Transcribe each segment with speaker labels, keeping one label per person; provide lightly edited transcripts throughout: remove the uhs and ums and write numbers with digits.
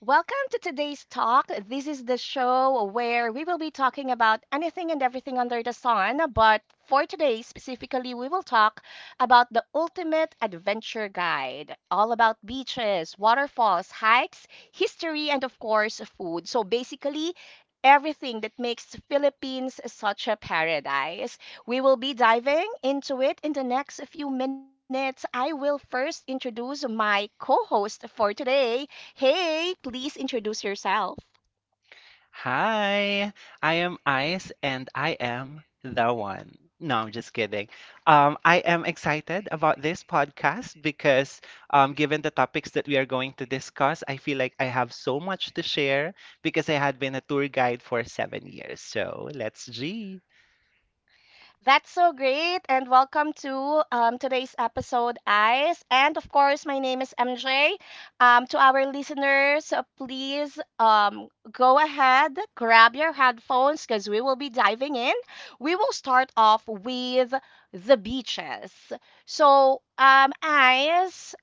Speaker 1: Welcome to today's talk. This is the show where we will be talking about anything and everything under the sun. But for today, specifically, we will talk about the ultimate adventure guide, all about beaches, waterfalls, hikes, history, and of course, food. So basically, everything that makes Philippines such a paradise. We will be diving into it in the next few minutes. I will first introduce my co host for today. Hey, please introduce yourself.
Speaker 2: Hi, I am Ice and I am the one. No, I'm just kidding. I am excited about this podcast because given the topics that we are going to discuss, I feel like I have so much to share because I had been a tour guide for 7 years. So let's G.
Speaker 1: That's so great, and welcome to today's episode, Eyes. And of course, my name is MJ. To our listeners, please, go ahead, grab your headphones because we will be diving in. We will start off with the beaches. So, Eyes,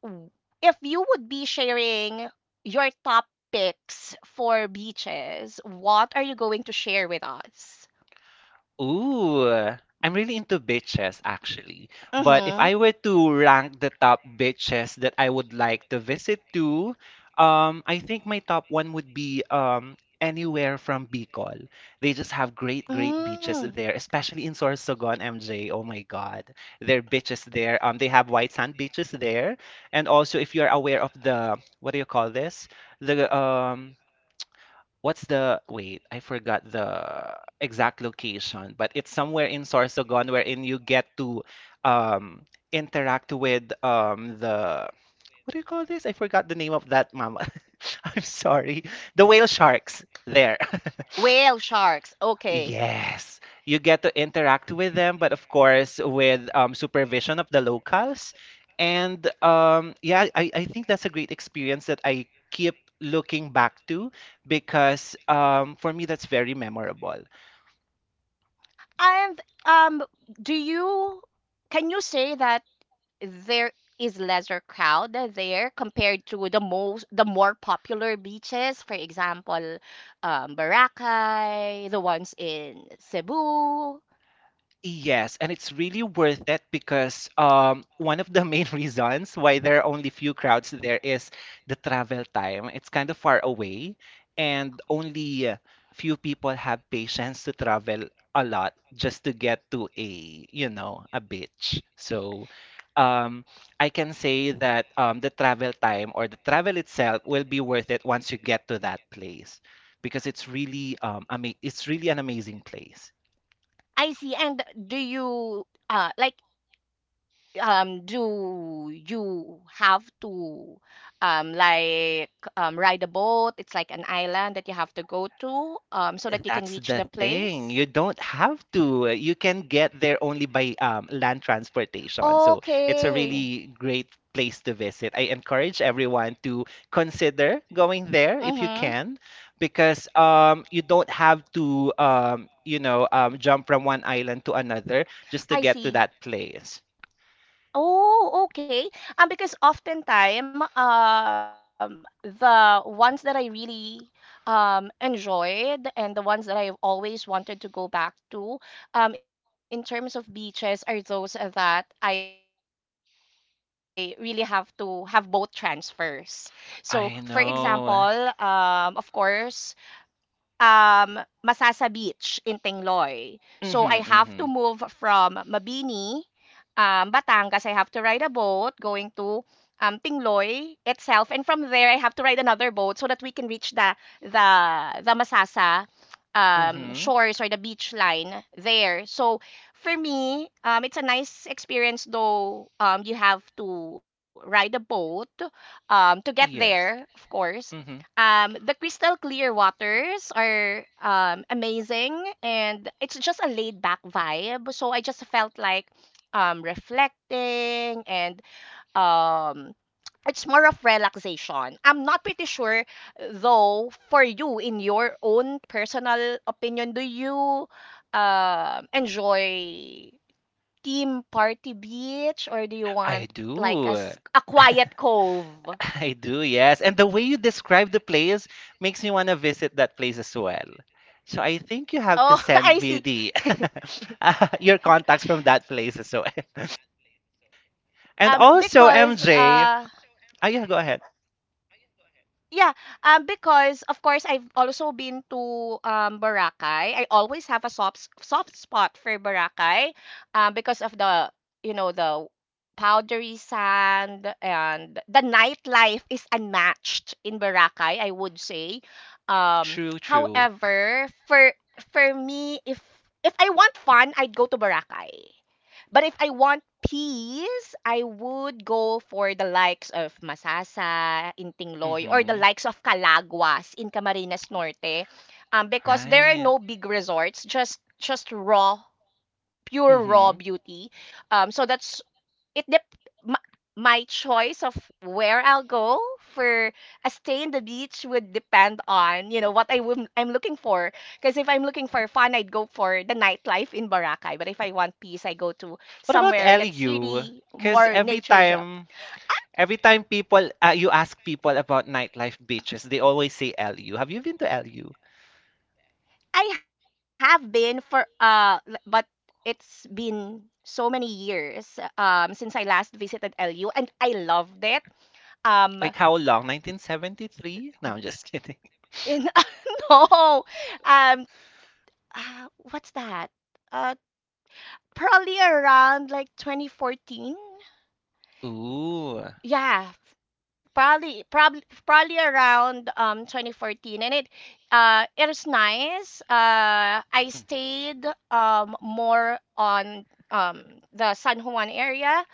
Speaker 1: w- if you would be sharing your top picks for beaches, what are you going to share with us?
Speaker 2: Ooh, I'm really into beaches actually. But if
Speaker 1: Mm-hmm.
Speaker 2: I were to rank the top beaches that I would like to visit to, I think my top one would be anywhere from Bicol. They just have great, great beaches
Speaker 1: Mm.
Speaker 2: there, especially in Sorsogon, MJ. Oh my God, their beaches there. They have white sand beaches there, and also if you're aware of the what do you call this? The What's the wait? I forgot the exact location, but it's somewhere in Sorsogon wherein you get to um interact with the what do you call this? I forgot the name of that mama. I'm sorry. The whale sharks there.
Speaker 1: Whale sharks. Okay.
Speaker 2: Yes, you get to interact with them, but of course with supervision of the locals. And yeah, I think that's a great experience that I keep looking back to because for me, that's very memorable.
Speaker 1: And um, do you, can you say that there is lesser crowd there compared to the more popular beaches, for example, Boracay, the ones in Cebu?
Speaker 2: Yes, and it's really worth it because one of the main reasons why there are only few crowds there is the travel time. It's kind of far away, and only few people have patience to travel a lot just to get to a, you know, a beach. So um, I can say that the travel time or the travel itself will be worth it once you get to that place because it's really it's really an amazing place.
Speaker 1: I see. And do you like, do you have to, like, ride a boat? It's like an island that you have to go to, so that you can
Speaker 2: That's
Speaker 1: reach
Speaker 2: the
Speaker 1: the
Speaker 2: thing. You
Speaker 1: place.
Speaker 2: don't have to. You can get there only by land transportation. So it's a
Speaker 1: Okay.
Speaker 2: really great place to visit. I encourage everyone to consider going there if you
Speaker 1: Mm-hmm.
Speaker 2: can, because you don't have to, you know, jump from one island to another just to
Speaker 1: I
Speaker 2: get to
Speaker 1: see.
Speaker 2: that place.
Speaker 1: Oh, okay. Because oftentimes, the ones that I really, enjoyed and the ones that I've always wanted to go back to, in terms of beaches, are those that I really have to have boat transfers. So, for example, of
Speaker 2: I
Speaker 1: course,
Speaker 2: know.
Speaker 1: um, Masasa Beach in Tingloy. So I have to move from
Speaker 2: Mm-hmm, mm-hmm,
Speaker 1: Mabini, Batangas. I have to ride a boat going to, Tingloy itself, and from there I have to ride another boat so that we can reach the the the Masasa, shores or the
Speaker 2: mm-hmm.
Speaker 1: beach line there. So for me, it's a nice experience, though you have to ride a boat, to get there, of
Speaker 2: Yes.
Speaker 1: course.
Speaker 2: Mm-hmm.
Speaker 1: The crystal clear waters are, amazing, and it's just a laid back vibe. So I just felt like, reflecting, and, um, it's more of relaxation. I'm not pretty sure, though, for you, in your own personal opinion, do you, enjoy team party beach, or do you
Speaker 2: I
Speaker 1: want like a,
Speaker 2: do.
Speaker 1: a quiet cove?
Speaker 2: I do, yes. And the way you describe the place makes me want to visit that place as well. So I think you have to
Speaker 1: Oh,
Speaker 2: send
Speaker 1: I
Speaker 2: me
Speaker 1: see.
Speaker 2: the your contacts from that place as well. And
Speaker 1: um
Speaker 2: also
Speaker 1: because
Speaker 2: MJ,
Speaker 1: uh
Speaker 2: ah yeah, go ahead.
Speaker 1: yeah, because of course I've also been to Boracay. I always have a soft spot for Boracay, because of the, you know, the powdery sand, and the nightlife is unmatched in Boracay, I would say.
Speaker 2: True, true.
Speaker 1: However, for me, if I want fun, I'd go to Boracay. But if I want peace, I would go for the likes of Masasa, Intingloy, or the
Speaker 2: Mm-hmm.
Speaker 1: likes of Calaguas in Camarines Norte, because there are
Speaker 2: Right.
Speaker 1: no big resorts, just raw, pure raw
Speaker 2: Mm-hmm.
Speaker 1: beauty. So that's, it dep my, choice of where I'll go for a stay in the beach would depend on, you know, what I would I'm looking for. Because if I'm looking for fun, I'd go for the nightlife in Boracay. But if I want peace, I go to
Speaker 2: What about
Speaker 1: somewhere that's
Speaker 2: LU?
Speaker 1: really
Speaker 2: Because
Speaker 1: more
Speaker 2: every
Speaker 1: nature job.
Speaker 2: time, every time people you ask people about nightlife beaches, they always say LU. Have you been to LU?
Speaker 1: I have been, for but it's been so many years since I last visited LU, and I loved it.
Speaker 2: Like
Speaker 1: Um,
Speaker 2: how long? 1973? No, I'm just kidding.
Speaker 1: in, no, um, what's that? Uh, Probably around like 2014,
Speaker 2: Ooh.
Speaker 1: yeah, probably around 2014. And it, it was nice. I
Speaker 2: Mm.
Speaker 1: stayed more on um the San Juan area.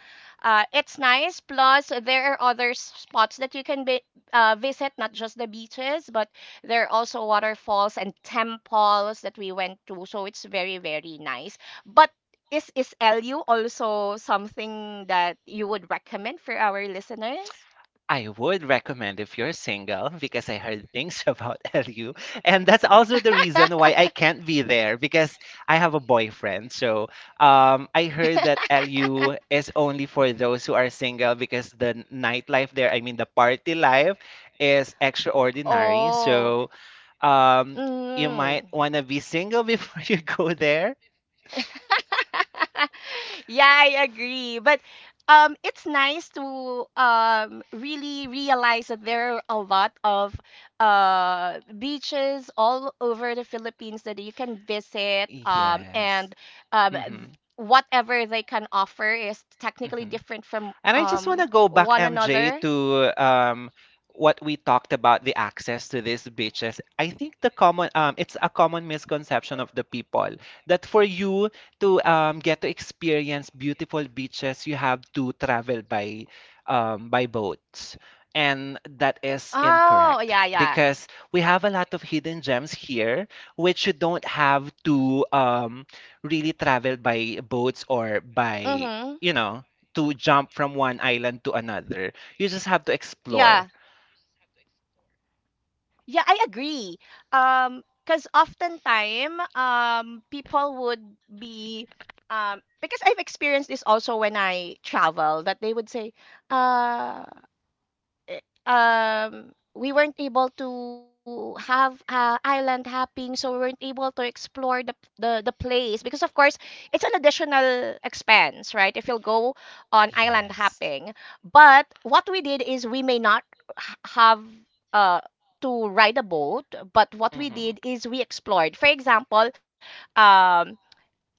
Speaker 1: It's nice, plus there are other spots that you can be, visit, not just the beaches, but there are also waterfalls and temples that we went to, so it's very nice. But is LU also something that you would recommend for our listeners?
Speaker 2: I would recommend if you're single because I heard things about LU. And that's also the reason why I can't be there because I have a boyfriend. So I heard that LU is only for those who are single because the nightlife there, I mean, the party life is extraordinary.
Speaker 1: Oh.
Speaker 2: So um, you
Speaker 1: Mm.
Speaker 2: might want to be single before you go there.
Speaker 1: Yeah, I agree. But it's nice to, really realize that there are a lot of, beaches all over the Philippines that you can visit,
Speaker 2: Yes.
Speaker 1: and um, th-
Speaker 2: hmm
Speaker 1: whatever they can offer is technically different from,
Speaker 2: And I just want to go back,
Speaker 1: one
Speaker 2: MJ,
Speaker 1: another.
Speaker 2: to what we talked about the access to these beaches. I think the common it's a common misconception of the people that for you to get to experience beautiful beaches, you have to travel by boats. And that is incorrect
Speaker 1: Oh, yeah, yeah.
Speaker 2: because we have a lot of hidden gems here, which you don't have to really travel by boats or by,
Speaker 1: Mm-hmm.
Speaker 2: you know, to jump from one island to another. You just have to
Speaker 1: Yeah.
Speaker 2: explore.
Speaker 1: Yeah, I agree. Um, because oftentimes, people would be, because I've experienced this also when I travel, that they would say, uh, we weren't able to have, island hopping, so we weren't able to explore the place, because, of course, it's an additional expense, right, if you'll go on island
Speaker 2: Yes.
Speaker 1: hopping. But what we did is, we may not have, uh to ride a boat, but what we
Speaker 2: Mm-hmm.
Speaker 1: did is we explored, for example, um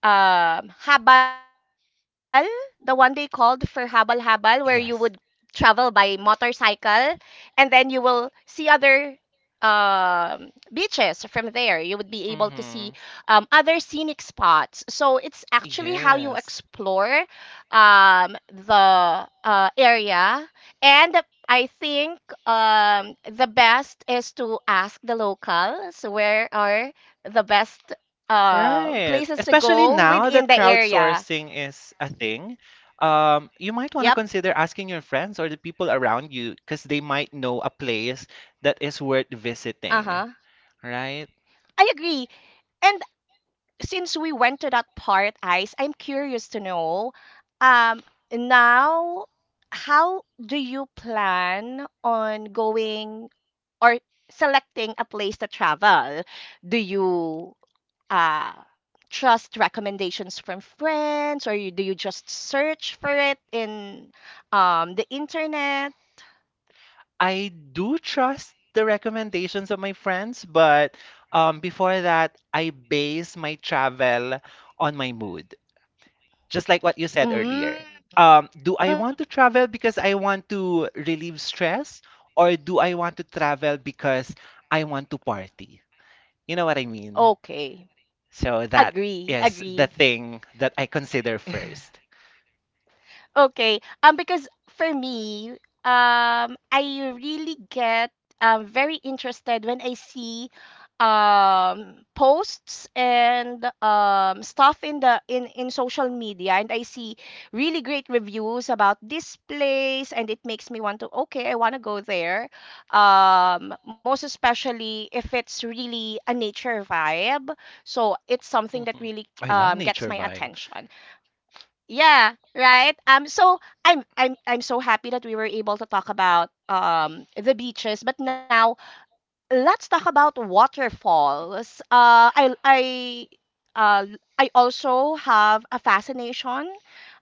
Speaker 1: Habal, the one they called, for Habal Habal, where you would travel by motorcycle, and then you will see other, beaches from there. You would be able to see,
Speaker 2: Mm-hmm.
Speaker 1: other scenic spots. So it's actually how you
Speaker 2: Yes.
Speaker 1: explore, the, area. And I think, the best is to ask the locals where are the best,
Speaker 2: Right.
Speaker 1: places to
Speaker 2: Especially
Speaker 1: go
Speaker 2: now
Speaker 1: within
Speaker 2: that
Speaker 1: the area.
Speaker 2: crowdsourcing is a thing, you might want to
Speaker 1: Yep.
Speaker 2: consider asking your friends or the people around you because they might know a place that is worth
Speaker 1: Uh huh.
Speaker 2: visiting. Right.
Speaker 1: I agree. And since we went to that part, Ice, I'm curious to know, um, now, how do you plan on going, or selecting a place to travel? Do you, uh trust recommendations from friends, or you, do you just search for it in, the internet?
Speaker 2: I do trust the recommendations of my friends, but before that, I base my travel on my mood. Just like what you said
Speaker 1: Mm.
Speaker 2: earlier. Do I
Speaker 1: Mm.
Speaker 2: want to travel because I want to relieve stress, or do I want to travel because I want to party? You know what I mean?
Speaker 1: Okay.
Speaker 2: So that
Speaker 1: Agree,
Speaker 2: is the
Speaker 1: agree.
Speaker 2: thing that I consider first.
Speaker 1: Okay. Because for me, I really get, very interested when I see, posts and, stuff in the, in social media, and I see really great reviews about this place, and it makes me want to, okay, I want to go there, most especially if it's really a nature vibe. So it's something that
Speaker 2: hmm
Speaker 1: really,
Speaker 2: I love
Speaker 1: gets
Speaker 2: nature
Speaker 1: my
Speaker 2: vibe.
Speaker 1: attention. Yeah, right. So I'm so happy that we were able to talk about, the beaches, but now let's talk about waterfalls. Uh I also have a fascination,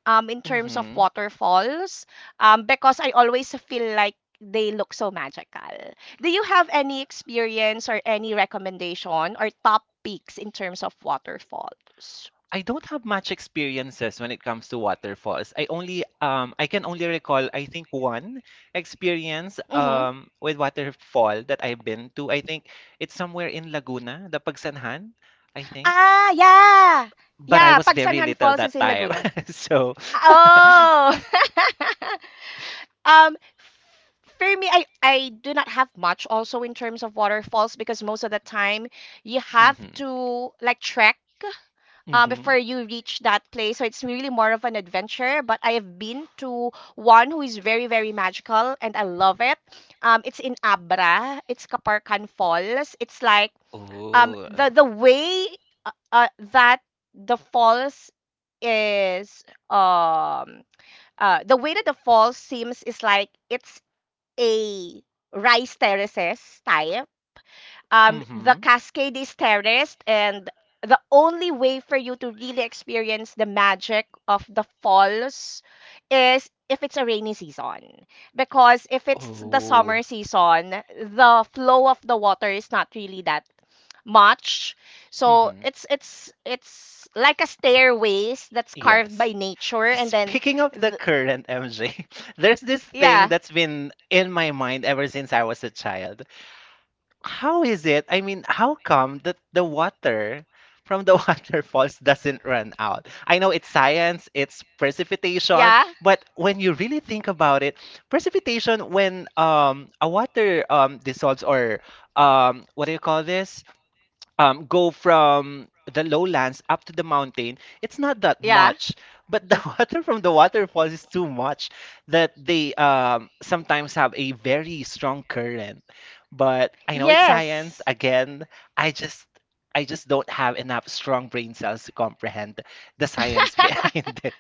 Speaker 1: in terms of
Speaker 2: Mhm.
Speaker 1: waterfalls, because I always feel like they look so magical. Do you have any experience or any recommendation or top picks in terms of waterfalls?
Speaker 2: I don't have much experiences when it comes to waterfalls. I can only recall I think one experience
Speaker 1: Mm-hmm.
Speaker 2: um with waterfall that I've been to. I think it's somewhere in Laguna, the Pagsanhan, I think.
Speaker 1: Ah, yeah.
Speaker 2: But I
Speaker 1: Yeah,
Speaker 2: was
Speaker 1: pag
Speaker 2: very
Speaker 1: Sanhan
Speaker 2: little
Speaker 1: Falls is
Speaker 2: that
Speaker 1: in
Speaker 2: time.
Speaker 1: Laguna.
Speaker 2: So
Speaker 1: Ah. Oh. um for me, I do not have much also in terms of waterfalls, because most of the time you have
Speaker 2: mhm
Speaker 1: to like trek,
Speaker 2: mhm
Speaker 1: before you reach that place. So it's really more of an adventure. But I have been to one who is very, very magical, and I love it. It's in Abra. It's Kaparkan Falls. It's like,
Speaker 2: ooh
Speaker 1: the way that the falls is, um the way that the falls seems, is like it's a rice terraces type. The
Speaker 2: mhm
Speaker 1: cascade is terraced, and the only way for you to really experience the magic of the falls is if it's a rainy season. Because if it's the
Speaker 2: ooh
Speaker 1: summer season, the flow of the water is not really that much. So
Speaker 2: mhm
Speaker 1: it's it's like a stairways that's carved
Speaker 2: yes.
Speaker 1: by nature, and then
Speaker 2: Speaking of the
Speaker 1: th-
Speaker 2: current MJ, there's this thing
Speaker 1: yeah,
Speaker 2: that's been in my mind ever since I was a child. How is it? I mean, how come that the water from the waterfalls doesn't run out? I know it's science, it's precipitation,
Speaker 1: yeah,
Speaker 2: but when you really think about it, precipitation when a water dissolves or what do you call this? Go from the lowlands up to the mountain, it's not that
Speaker 1: yeah.
Speaker 2: much. But the water from the waterfalls is too much that they sometimes have a very strong current. But I know it's science.
Speaker 1: Yes.
Speaker 2: Again, I just I just don't have enough strong brain cells to comprehend the science behind it.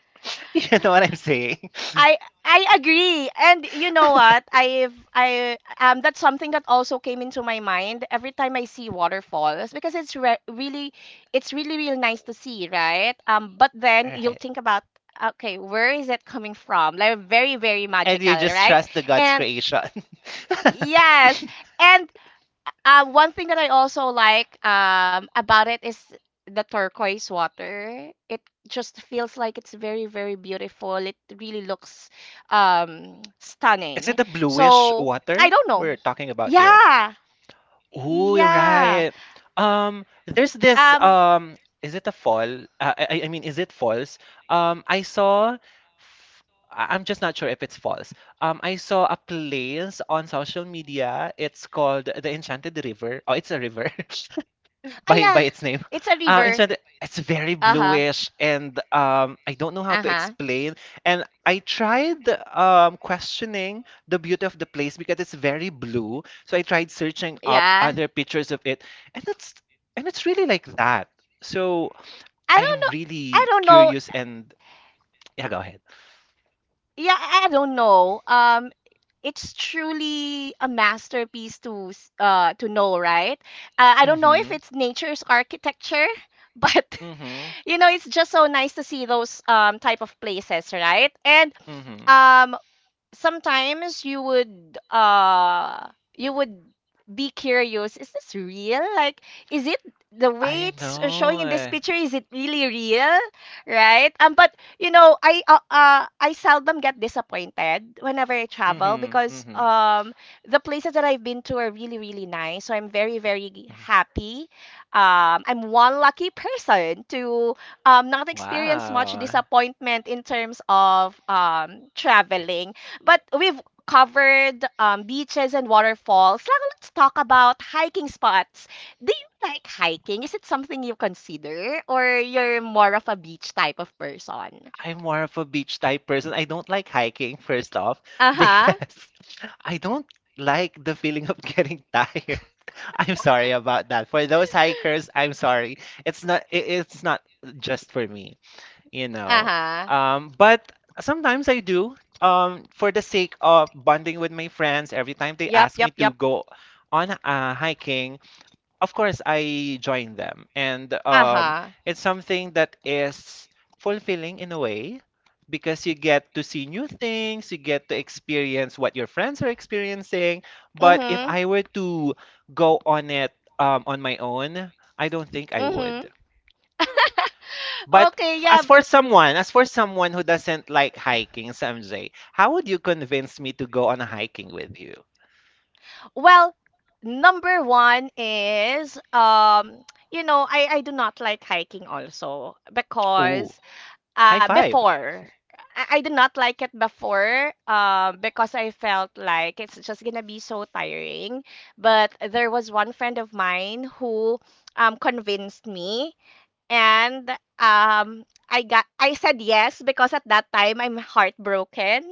Speaker 2: You know what I'm saying?
Speaker 1: I agree. And you know what? I've I That's something that also came into my mind every time I see waterfalls, because it's re really, it's really nice to see, right? Um, but then you'll
Speaker 2: Right.
Speaker 1: think about, okay, where is it coming from? Like, very, very
Speaker 2: And
Speaker 1: magical,
Speaker 2: you just
Speaker 1: right?
Speaker 2: trust the God's
Speaker 1: And
Speaker 2: creation.
Speaker 1: yes. And, one thing that I also like, about it is the turquoise water. It just feels like it's very, very beautiful. It really looks,
Speaker 2: Is it
Speaker 1: stunning.
Speaker 2: the bluish
Speaker 1: So I
Speaker 2: water
Speaker 1: don't know.
Speaker 2: we're talking about here?
Speaker 1: Yeah.
Speaker 2: Ooh, you're
Speaker 1: Yeah.
Speaker 2: right. There's this
Speaker 1: Um,
Speaker 2: is it a fall? I mean, is it false? Um, I saw. f- I'm just not sure if it's false. I saw a place on social media. It's called the Enchanted River. Oh, it's a river.
Speaker 1: ah, yeah.
Speaker 2: By its
Speaker 1: It's a
Speaker 2: name.
Speaker 1: river.
Speaker 2: Instead, it's very
Speaker 1: Uh-huh.
Speaker 2: bluish, and I don't know how
Speaker 1: Uh-huh.
Speaker 2: to explain. And I tried questioning the beauty of the place because it's very blue. So I tried searching up
Speaker 1: Yeah.
Speaker 2: other pictures of it, and it's and it's really like that. So
Speaker 1: I
Speaker 2: I
Speaker 1: don't
Speaker 2: am
Speaker 1: know. I
Speaker 2: really
Speaker 1: don't know.
Speaker 2: curious, and yeah, go ahead.
Speaker 1: Yeah, I don't know. Um, it's truly a masterpiece to, to know, right? I don't know if
Speaker 2: Mhm.
Speaker 1: it's nature's architecture, but,
Speaker 2: Mhm.
Speaker 1: you know, it's just so nice to see those, type of places, right? And,
Speaker 2: Mhm.
Speaker 1: um sometimes you would be curious, is this real? Like, is it, the way
Speaker 2: I
Speaker 1: it's, showing
Speaker 2: know.
Speaker 1: in this
Speaker 2: Eh.
Speaker 1: picture, is it really real, right? But you know, I seldom get disappointed whenever I travel,
Speaker 2: Mhm.
Speaker 1: because,
Speaker 2: Mhm.
Speaker 1: the places that I've been to are really nice, so I'm very, very
Speaker 2: Mhm.
Speaker 1: happy. I'm one lucky person to, not experience much
Speaker 2: Wow.
Speaker 1: disappointment in terms of, traveling. But we've covered, beaches and waterfalls. Now let's talk about hiking spots. Do you like hiking? Is it something you consider, or you're more of a beach type of person?
Speaker 2: I'm more of a beach type person. I don't like hiking, first off,
Speaker 1: Uh
Speaker 2: because
Speaker 1: huh.
Speaker 2: I don't like the feeling of getting tired. I'm sorry about that. For those hikers, I'm sorry. It's not just for me, you know.
Speaker 1: Uh huh.
Speaker 2: But sometimes I do. For the sake of bonding with my friends, every time they ask
Speaker 1: Yep.
Speaker 2: me
Speaker 1: Yep.
Speaker 2: to
Speaker 1: Yep.
Speaker 2: go on hiking, of course I join them and
Speaker 1: Uh
Speaker 2: um
Speaker 1: huh.
Speaker 2: it's something that is fulfilling in a way because you get to see new things, you get to experience what your friends are experiencing, but if
Speaker 1: Mhm.
Speaker 2: I were to go on it on my own, I don't think I
Speaker 1: Mhm.
Speaker 2: would. But
Speaker 1: Okay. Yeah.
Speaker 2: as for someone who doesn't like hiking, Samjay, how would you convince me to go on a hiking with you?
Speaker 1: Well, number one is, um. You know, I do not like hiking also
Speaker 2: Ooh,
Speaker 1: because,
Speaker 2: high five.
Speaker 1: before. I did not like it before, because I felt like it's just gonna be so tiring. But there was one friend of mine who convinced me, and I said yes because at that time I'm heartbroken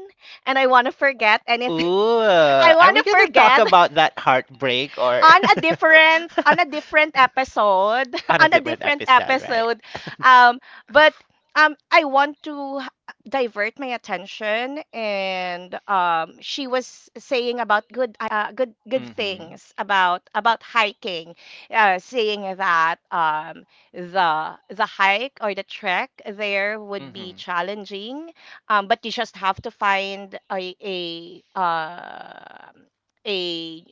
Speaker 1: and I want to forget anything.
Speaker 2: Ooh,
Speaker 1: I
Speaker 2: are
Speaker 1: want
Speaker 2: we
Speaker 1: to
Speaker 2: gonna talk
Speaker 1: forget
Speaker 2: about that heartbreak or
Speaker 1: on a different episode,
Speaker 2: on a
Speaker 1: on a
Speaker 2: different
Speaker 1: different
Speaker 2: episode, right?
Speaker 1: episode. Um but I want to divert my attention, and she was saying about good
Speaker 2: Mhm.
Speaker 1: things about hiking, saying that the hike or the trek there would be
Speaker 2: Mhm.
Speaker 1: challenging, but you just have to find a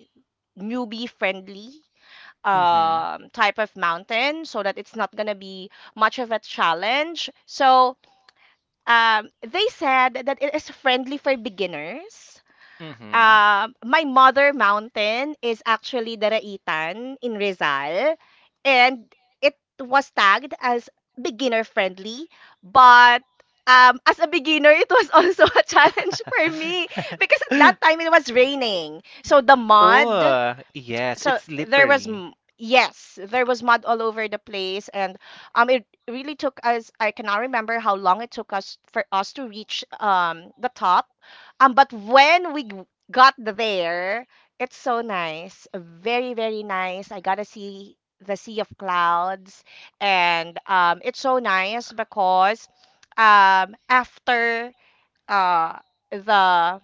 Speaker 1: newbie friendly
Speaker 2: Mhm.
Speaker 1: type of mountain so that it's not going to be much of a challenge. They said that it is friendly for beginners.
Speaker 2: Mhm.
Speaker 1: My mother mountain is actually Daraitan in Rizal, and it was tagged as beginner friendly. But as a beginner, it was also a challenge for me because at that time it was raining. So the mud,
Speaker 2: Ooh, yes,
Speaker 1: so
Speaker 2: it's
Speaker 1: there was
Speaker 2: slippery.
Speaker 1: yes, there was mud all over the place. And it really took us, I cannot remember how long it took us for us to reach the top. But when we got there, it's so nice, very very nice. I gotta see the sea of clouds. And it's so nice because um after uh the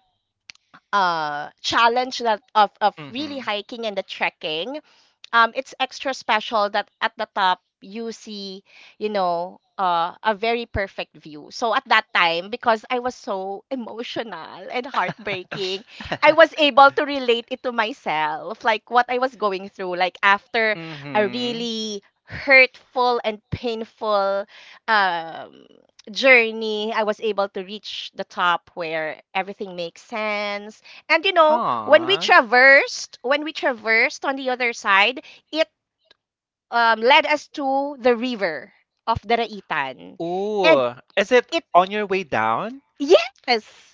Speaker 1: uh challenge that of really
Speaker 2: Mhm.
Speaker 1: hiking and the trekking, it's extra special that at the top you see, you know, a very perfect view. So at that time, because I was so emotional and heartbreaking, I was able to relate it to myself, like what I was going through, like after a
Speaker 2: Mhm.
Speaker 1: really hurtful and painful um journey, I was able to reach the top where everything makes sense. And you know, when we
Speaker 2: Aw.
Speaker 1: traversed, on the other side, it led us to the river of the Raitan. And
Speaker 2: Ooh, is it
Speaker 1: it,
Speaker 2: on your way down?
Speaker 1: yes.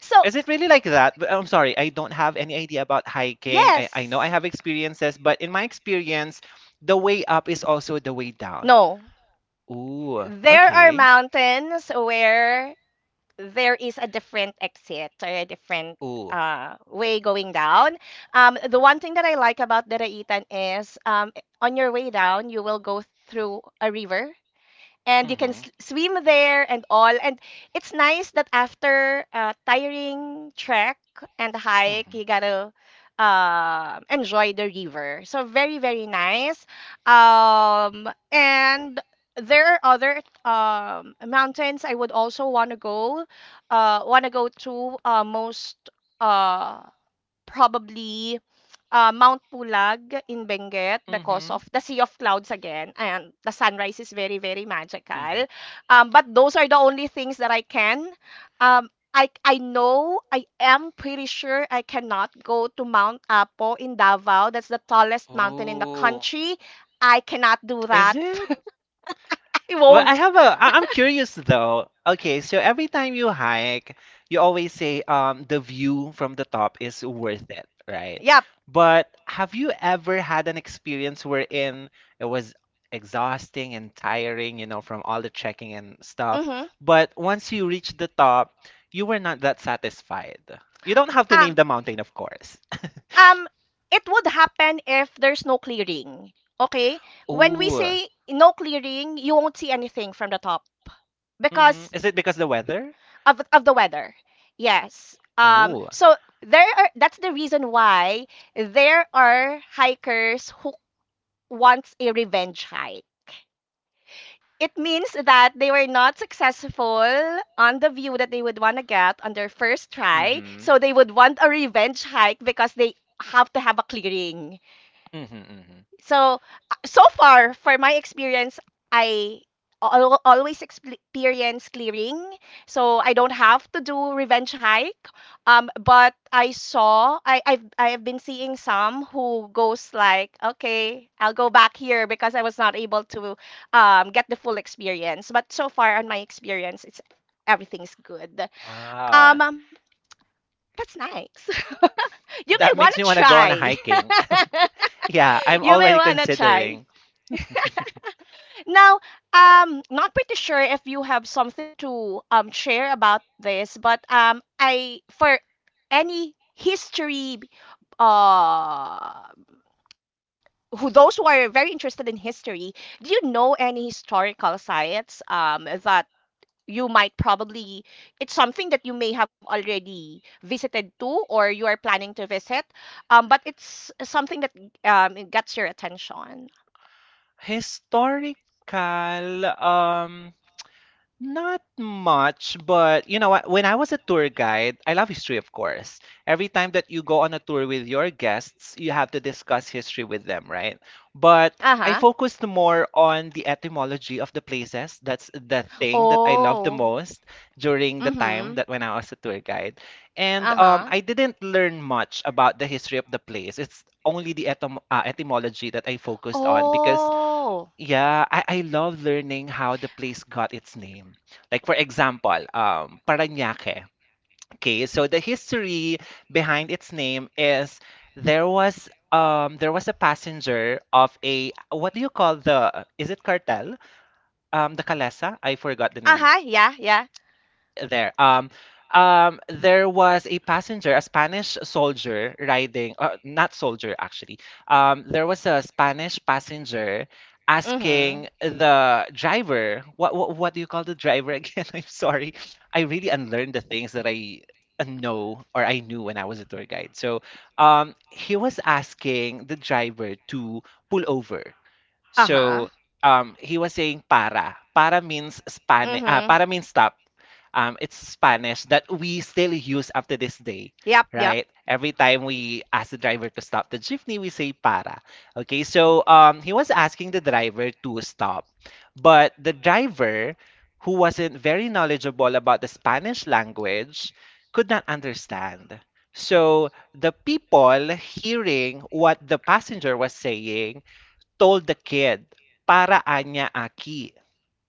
Speaker 1: So,
Speaker 2: Is it really like that? But I'm sorry, I don't have any idea about hiking. I know I
Speaker 1: yes.
Speaker 2: have experiences, but in my experience, the way up is also the way down.
Speaker 1: No.
Speaker 2: Ooh,
Speaker 1: There are
Speaker 2: okay.
Speaker 1: mountains where there is a different exit or a different
Speaker 2: Ooh.
Speaker 1: way going down. The one thing that I like about the Raitan is, on your way down, you will go through a river and you can
Speaker 2: Mhm.
Speaker 1: swim there and all. And it's nice that after a tiring trek and hike,
Speaker 2: Mhm.
Speaker 1: you gotta enjoy the river. So very very nice. And there are other mountains I would also want to go. Want to go to, most uh, probably, Mount Pulag in Benguet, because
Speaker 2: Mhm.
Speaker 1: of the sea of clouds again, and the sunrise is very, very
Speaker 2: Mhm.
Speaker 1: magical. But those are the only things that I can. I know, I am pretty sure I cannot go to Mount Apo in Davao. That's the tallest mountain in the
Speaker 2: Ooh.
Speaker 1: country. I cannot do
Speaker 2: Is
Speaker 1: that.
Speaker 2: it?
Speaker 1: I
Speaker 2: Well, I
Speaker 1: won't.
Speaker 2: have a. I'm curious though. Okay, so every time you hike, you always say the view from the top is worth it, right?
Speaker 1: Yep.
Speaker 2: But have you ever had an experience wherein it was exhausting and tiring, you know, from all the trekking and stuff,
Speaker 1: Mm-hmm.
Speaker 2: but once you reached the top, you were not that satisfied. You don't have to name
Speaker 1: Um,
Speaker 2: the mountain, of course.
Speaker 1: um it would happen if there's no clearing. Okay, when we
Speaker 2: Ooh.
Speaker 1: say no clearing, you won't see anything from the top
Speaker 2: Mhm.
Speaker 1: because
Speaker 2: Is it because the weather?
Speaker 1: of the weather. Yes.
Speaker 2: Oh.
Speaker 1: There, are that's the reason why there are hikers who wants a revenge hike. It means that they were not successful on the view that they would want to get on their first try,
Speaker 2: Mhm.
Speaker 1: so they would want a revenge hike because they have to have a clearing.
Speaker 2: Mhm, mhm.
Speaker 1: So, so far, for my experience, I always experience clearing. So, I don't have to do revenge hike. But I saw, I have been seeing some who goes like, okay, I'll go back here because I was not able to get the full experience. But so far, on my experience, it's everything's good.
Speaker 2: Wow.
Speaker 1: Um, that's nice. You may
Speaker 2: That
Speaker 1: want
Speaker 2: makes me
Speaker 1: to
Speaker 2: want to go on a
Speaker 1: try.
Speaker 2: hiking. Yeah, I'm
Speaker 1: You may
Speaker 2: already
Speaker 1: want to try.
Speaker 2: considering.
Speaker 1: Now, not pretty sure if you have something to share about this, but I for any history, uh who, those who are very interested in history, do you know any historical sites that you might probably, it's something that you may have already visited to or you are planning to visit, but it's something that it gets your attention.
Speaker 2: Historical um Not much, but you know what? When I was a tour guide, I love history, of course. Every time that you go on a tour with your guests, you have to discuss history with them, right? But I
Speaker 1: Uh-huh.
Speaker 2: focused more on the etymology of the places. That's the thing that I love the
Speaker 1: Oh.
Speaker 2: most during the
Speaker 1: Mm-hmm.
Speaker 2: time that when I was a tour guide. And
Speaker 1: Uh-huh.
Speaker 2: I didn't learn much about the history of the place. It's only the etymology that I focused on because
Speaker 1: Oh.
Speaker 2: yeah, I love learning how the place got its name. Like for example, Parañaque. Okay, so the history behind its name is there was a passenger of a what do you call the is it cartel? The Calesa? I forgot the name
Speaker 1: Uh-huh. Yeah, yeah.
Speaker 2: there. Um, there was a passenger, a Spanish soldier riding, not soldier actually. There was a Spanish passenger asking
Speaker 1: Mm-hmm.
Speaker 2: the driver, what do you call the driver again? I'm sorry, I really unlearned the things that I know or I knew when I was a tour guide. So, he was asking the driver to pull over. So,
Speaker 1: Uh-huh.
Speaker 2: he was saying para. Para means Spanish. Para
Speaker 1: Mm-hmm.
Speaker 2: means stop, it's Spanish that we still use up to this day,
Speaker 1: Yep,
Speaker 2: right?
Speaker 1: yep.
Speaker 2: Every time we ask the driver to stop the jeepney, we say para. Okay, so he was asking the driver to stop, but the driver, who wasn't very knowledgeable about the Spanish language, could not understand. So the people hearing what the passenger was saying told the kid, "para anya aquí."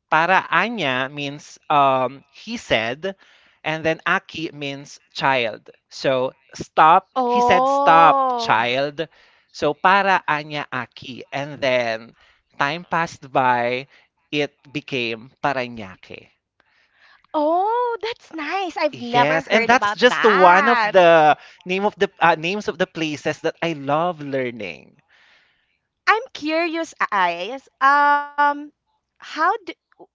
Speaker 2: Para Anya means, he said, and then Aki means child. So stop, he said, stop,
Speaker 1: Oh.
Speaker 2: child. So para Anya Aki. And then time passed by, it became Paranaque.
Speaker 1: Oh, that's nice. I've never
Speaker 2: Yes,
Speaker 1: heard
Speaker 2: and
Speaker 1: about
Speaker 2: that's just one of
Speaker 1: that.
Speaker 2: the name of the names of the places that I love learning.
Speaker 1: I'm curious, eyes. How do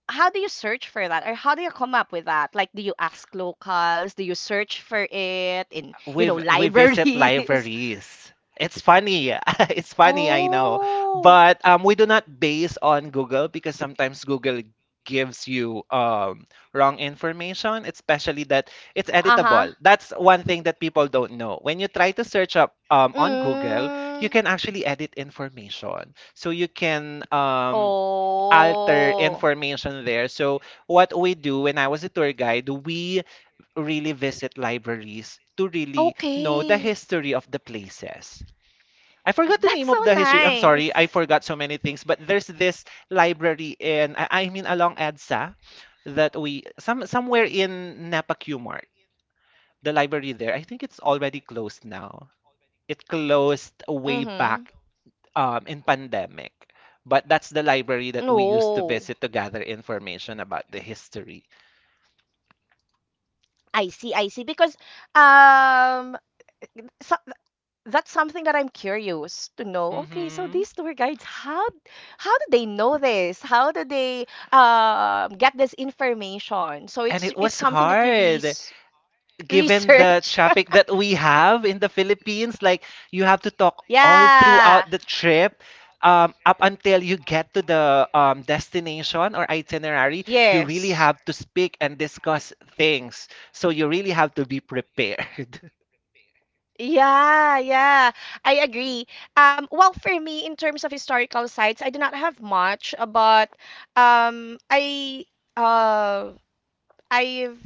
Speaker 1: how do you search for that, or how do you come up with that? Like, do you ask locals? Do you search for it in, you
Speaker 2: we
Speaker 1: know,
Speaker 2: v- we visit
Speaker 1: libraries?
Speaker 2: libraries. It's funny. It's funny, I know.
Speaker 1: Oh,
Speaker 2: But we do not base on Google because sometimes Google gives you, wrong information, especially that it's
Speaker 1: uh-huh.
Speaker 2: editable. That's one thing that people don't know. When you try to search up on Google,
Speaker 1: Mm,
Speaker 2: you can actually edit information. So you can, alter
Speaker 1: oh,
Speaker 2: information there. So what we do when I was a tour guide, we really visit libraries to really know the
Speaker 1: okay.
Speaker 2: history of the places. I forgot the name
Speaker 1: That's
Speaker 2: of the
Speaker 1: so
Speaker 2: history. I'm sorry, I
Speaker 1: nice.
Speaker 2: forgot so many things. But there's this library in, I mean, along EDSA, that we somewhere in Napa Q Mart, the library there. I think it's already closed now. It closed way
Speaker 1: Mm-hmm.
Speaker 2: back, in pandemic, but that's the library that we used to
Speaker 1: Oh,
Speaker 2: visit to gather information about the history.
Speaker 1: I see, I see. Because um, so, that's something that I'm curious to know. Okay, so
Speaker 2: Hmm.
Speaker 1: these tour guides, how do they know this? How do they get this information? So
Speaker 2: And
Speaker 1: it's
Speaker 2: it
Speaker 1: it's
Speaker 2: was
Speaker 1: something that you really
Speaker 2: hard, given the
Speaker 1: research.
Speaker 2: traffic that we have in the Philippines, like you have to talk all
Speaker 1: Yeah.
Speaker 2: throughout the trip. Up until you get to the destination or itinerary, you really
Speaker 1: Yes.
Speaker 2: have to speak and discuss things. So you really have to be prepared.
Speaker 1: Yeah, yeah, I agree. Well, for me, in terms of historical sites, I do not have much, but I uh, I've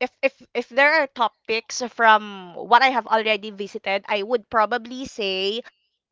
Speaker 1: if if there are topics from what I have already visited, I would probably say,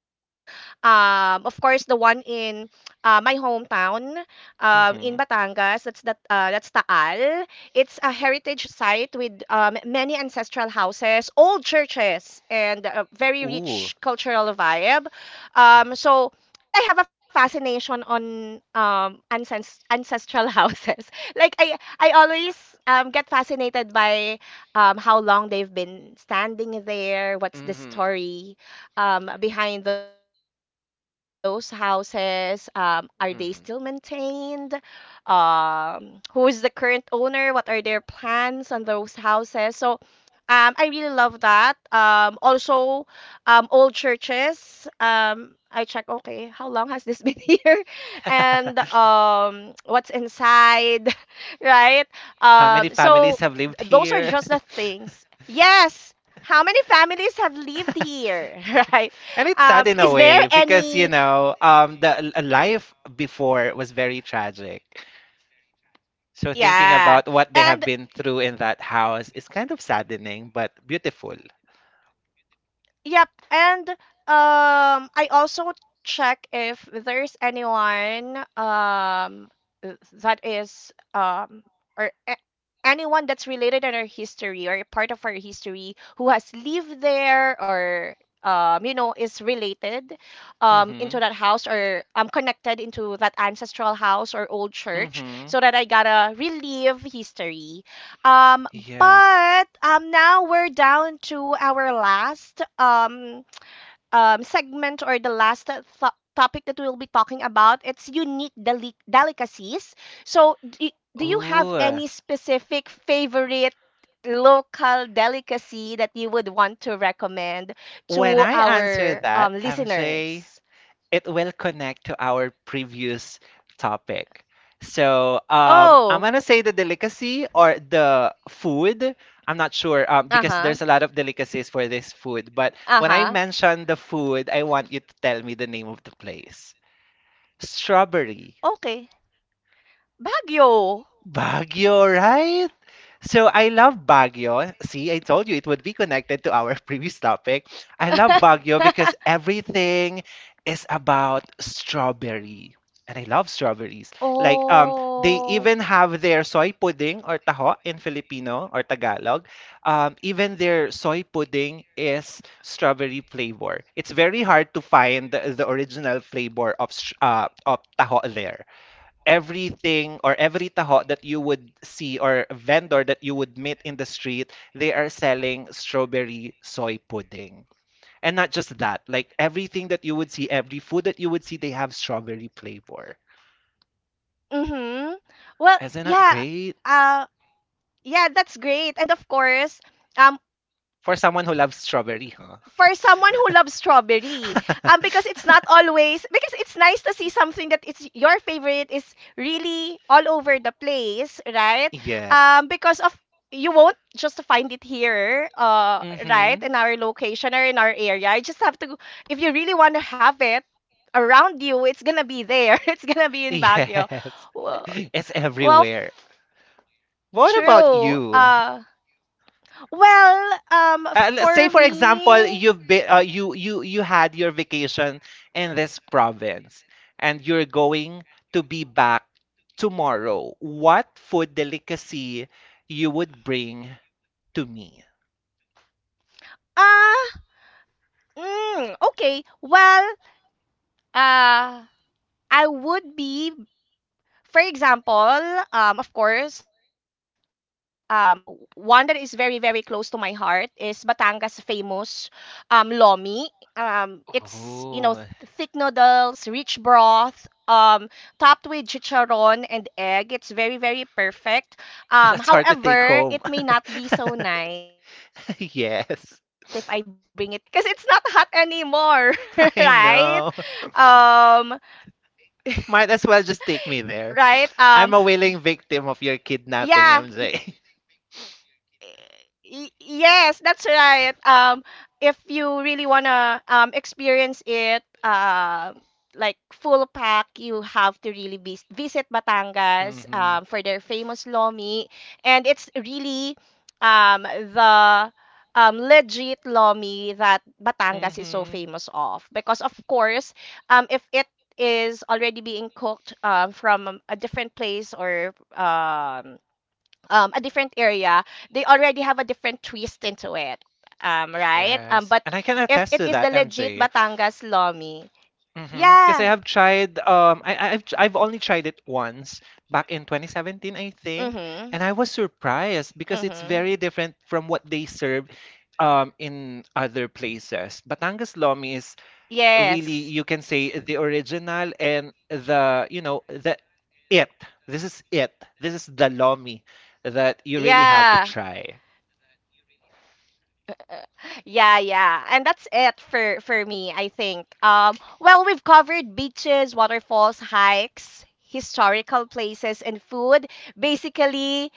Speaker 1: of course, the one in, my hometown, in
Speaker 2: Hmm.
Speaker 1: Batangas. That's that. That's Taal. It's a heritage site with many ancestral houses, old churches, and a very
Speaker 2: Ooh.
Speaker 1: rich cultural vibe. So. And I have a fascination on ancestral houses. Like I, I always get fascinated by how long they've been standing there. What's the
Speaker 2: Mm-hmm.
Speaker 1: story behind those houses? Are they still maintained?
Speaker 2: Mm-hmm.
Speaker 1: Who is the current owner? What are their plans on those houses? So I really love that. Also, old churches. I check, okay, how long has this been here? And what's inside, right?
Speaker 2: How many
Speaker 1: So
Speaker 2: families have
Speaker 1: those
Speaker 2: lived
Speaker 1: are just the
Speaker 2: here?
Speaker 1: things. Yes. How many families have lived here, right?
Speaker 2: And it's sad
Speaker 1: Is
Speaker 2: in a
Speaker 1: there
Speaker 2: way
Speaker 1: any?
Speaker 2: because, you know, the life before was very tragic. So thinking
Speaker 1: Yeah.
Speaker 2: about what they have
Speaker 1: And
Speaker 2: been through in that house is kind of saddening but beautiful.
Speaker 1: yep, and I also check if there's anyone that is or a- anyone that's related in our history or part of our history who has lived there, or you know, is related into
Speaker 2: Mhm.
Speaker 1: that house, or connected into that ancestral house or old church,
Speaker 2: Mhm.
Speaker 1: so that I gotta relive history. Um,
Speaker 2: Yes.
Speaker 1: but now we're down to our last segment, or the last topic that we'll be talking about. It's unique delicacies. So, do, do you have
Speaker 2: Ooh.
Speaker 1: any specific favorite local delicacy that you would want to recommend
Speaker 2: When
Speaker 1: to
Speaker 2: I answer
Speaker 1: our
Speaker 2: that, MJ,
Speaker 1: listeners?
Speaker 2: it will connect to our previous topic. So I'm
Speaker 1: Oh,
Speaker 2: gonna say the delicacy or the food. I'm not sure,
Speaker 1: uh
Speaker 2: because
Speaker 1: huh,
Speaker 2: there's a lot of delicacies for this food. But
Speaker 1: uh
Speaker 2: when I
Speaker 1: huh.
Speaker 2: mention the food, I want you to tell me the name of the place. Strawberry.
Speaker 1: Okay, Baguio.
Speaker 2: Baguio, right? So I love Baguio. See, I told you it would be connected to our previous topic. I love Baguio because everything is about strawberry. And I love strawberries. Like they
Speaker 1: Oh,
Speaker 2: even have their soy pudding or taho in Filipino or Tagalog. Even their soy pudding is strawberry flavor. It's very hard to find the original flavor of of taho there. Everything or every taho that you would see or vendor that you would meet in the street, they are selling strawberry soy pudding. And not just that, like everything that you would see, every food that you would see, they have strawberry flavor.
Speaker 1: mm-hmm. Well,
Speaker 2: Isn't that
Speaker 1: yeah,
Speaker 2: great?
Speaker 1: uh, yeah, that's great. And of course, uh,
Speaker 2: For someone who loves strawberry, huh?
Speaker 1: for someone who loves strawberry, because it's not always, because it's nice to see something that it's your favorite is really all over the place, right?
Speaker 2: Yes.
Speaker 1: Because of You won't just find it here, right
Speaker 2: Mm-hmm.
Speaker 1: in our location or in our area. You just have to, if you really want to have it around you, it's gonna be there. It's gonna be in Baguio.
Speaker 2: Yes.
Speaker 1: well,
Speaker 2: It's
Speaker 1: well f-
Speaker 2: everywhere. What about
Speaker 1: True.
Speaker 2: you?
Speaker 1: Well um
Speaker 2: Let's say
Speaker 1: for
Speaker 2: for example,
Speaker 1: me.
Speaker 2: you had your vacation in this province, and you're going to be back tomorrow. What food delicacy you would bring to me?
Speaker 1: uh Mm, okay. Well, uh, I would be for example, of course, um, one that is very, very close to my heart is Batangas famous lomi. It's, you know,
Speaker 2: Ooh,
Speaker 1: thick noodles, rich broth, topped with chicharon and egg. It's very, very perfect.
Speaker 2: well, that's hard to take
Speaker 1: However,
Speaker 2: home.
Speaker 1: it may not be so nice if I bring it to you
Speaker 2: Yes,
Speaker 1: because, yes, because it's not hot anymore,
Speaker 2: I
Speaker 1: right?
Speaker 2: know.
Speaker 1: Um,
Speaker 2: Might as well just take me there.
Speaker 1: right? Um,
Speaker 2: I'm a willing victim of your kidnapping,
Speaker 1: yeah,
Speaker 2: MJ.
Speaker 1: Yes, that's right. If you really wanna experience it, like full pack, you have to really visit Batangas
Speaker 2: Hmm.
Speaker 1: for their famous lomi, and it's really the legit lomi that Batangas is so
Speaker 2: Hmm.
Speaker 1: famous of, because of course if it is already being cooked from a different place or um a different area, they already have a different twist into it. Right?
Speaker 2: Yes,
Speaker 1: But
Speaker 2: and I can
Speaker 1: if
Speaker 2: attest
Speaker 1: it
Speaker 2: to
Speaker 1: is
Speaker 2: that,
Speaker 1: the legit
Speaker 2: MJ.
Speaker 1: Batangas Lomi,
Speaker 2: Mhm, Kasi
Speaker 1: yeah.
Speaker 2: I've tried I've only tried it once back in 2017, I think,
Speaker 1: Mm-hmm.
Speaker 2: and I was surprised because it's
Speaker 1: Mm-hmm.
Speaker 2: very different from what they serve in other places. Batangas Lomi is really,
Speaker 1: Yes.
Speaker 2: you can say, the original and the, you know, the it. This is it. This is the Lomi that you really have to
Speaker 1: Yeah.
Speaker 2: try.
Speaker 1: Yeah, yeah. And that's it for me, I think. Well, we've covered beaches, waterfalls, hikes, historical places, and food. Basically,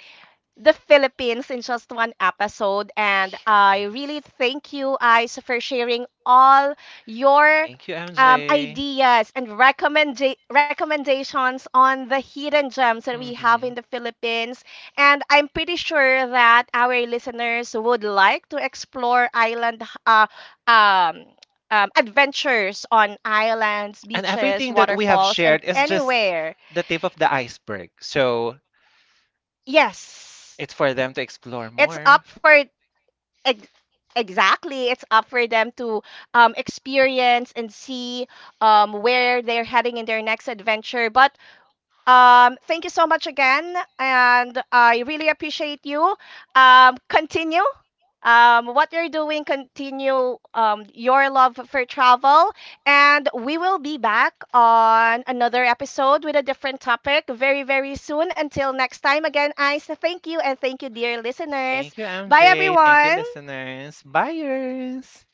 Speaker 1: the Philippines in just one episode. And I really thank you, guys, for sharing all your
Speaker 2: Thank you, MJ.
Speaker 1: ideas and recommendations on the hidden gems that we have in
Speaker 2: Hmm.
Speaker 1: the Philippines. And I'm pretty sure that our listeners would like to explore island, um, adventures on islands,
Speaker 2: And
Speaker 1: beaches,
Speaker 2: everything that we have
Speaker 1: waterfalls, and
Speaker 2: shared is just
Speaker 1: anywhere.
Speaker 2: the tip of the iceberg. So
Speaker 1: Yes.
Speaker 2: it's for them to explore
Speaker 1: It's
Speaker 2: more.
Speaker 1: up for Ex- Exactly. It's up for them to experience and see where they're heading in their next adventure. But thank you so much again, and I really appreciate you. Continue. What you're doing, continue your love for travel, and we will be back on another episode with a different topic very, very soon. Until next time, again, I thank you, and thank you, dear listeners.
Speaker 2: Thank you,
Speaker 1: Bye,
Speaker 2: MJ. Thank you,
Speaker 1: everyone.
Speaker 2: listeners. Buyers.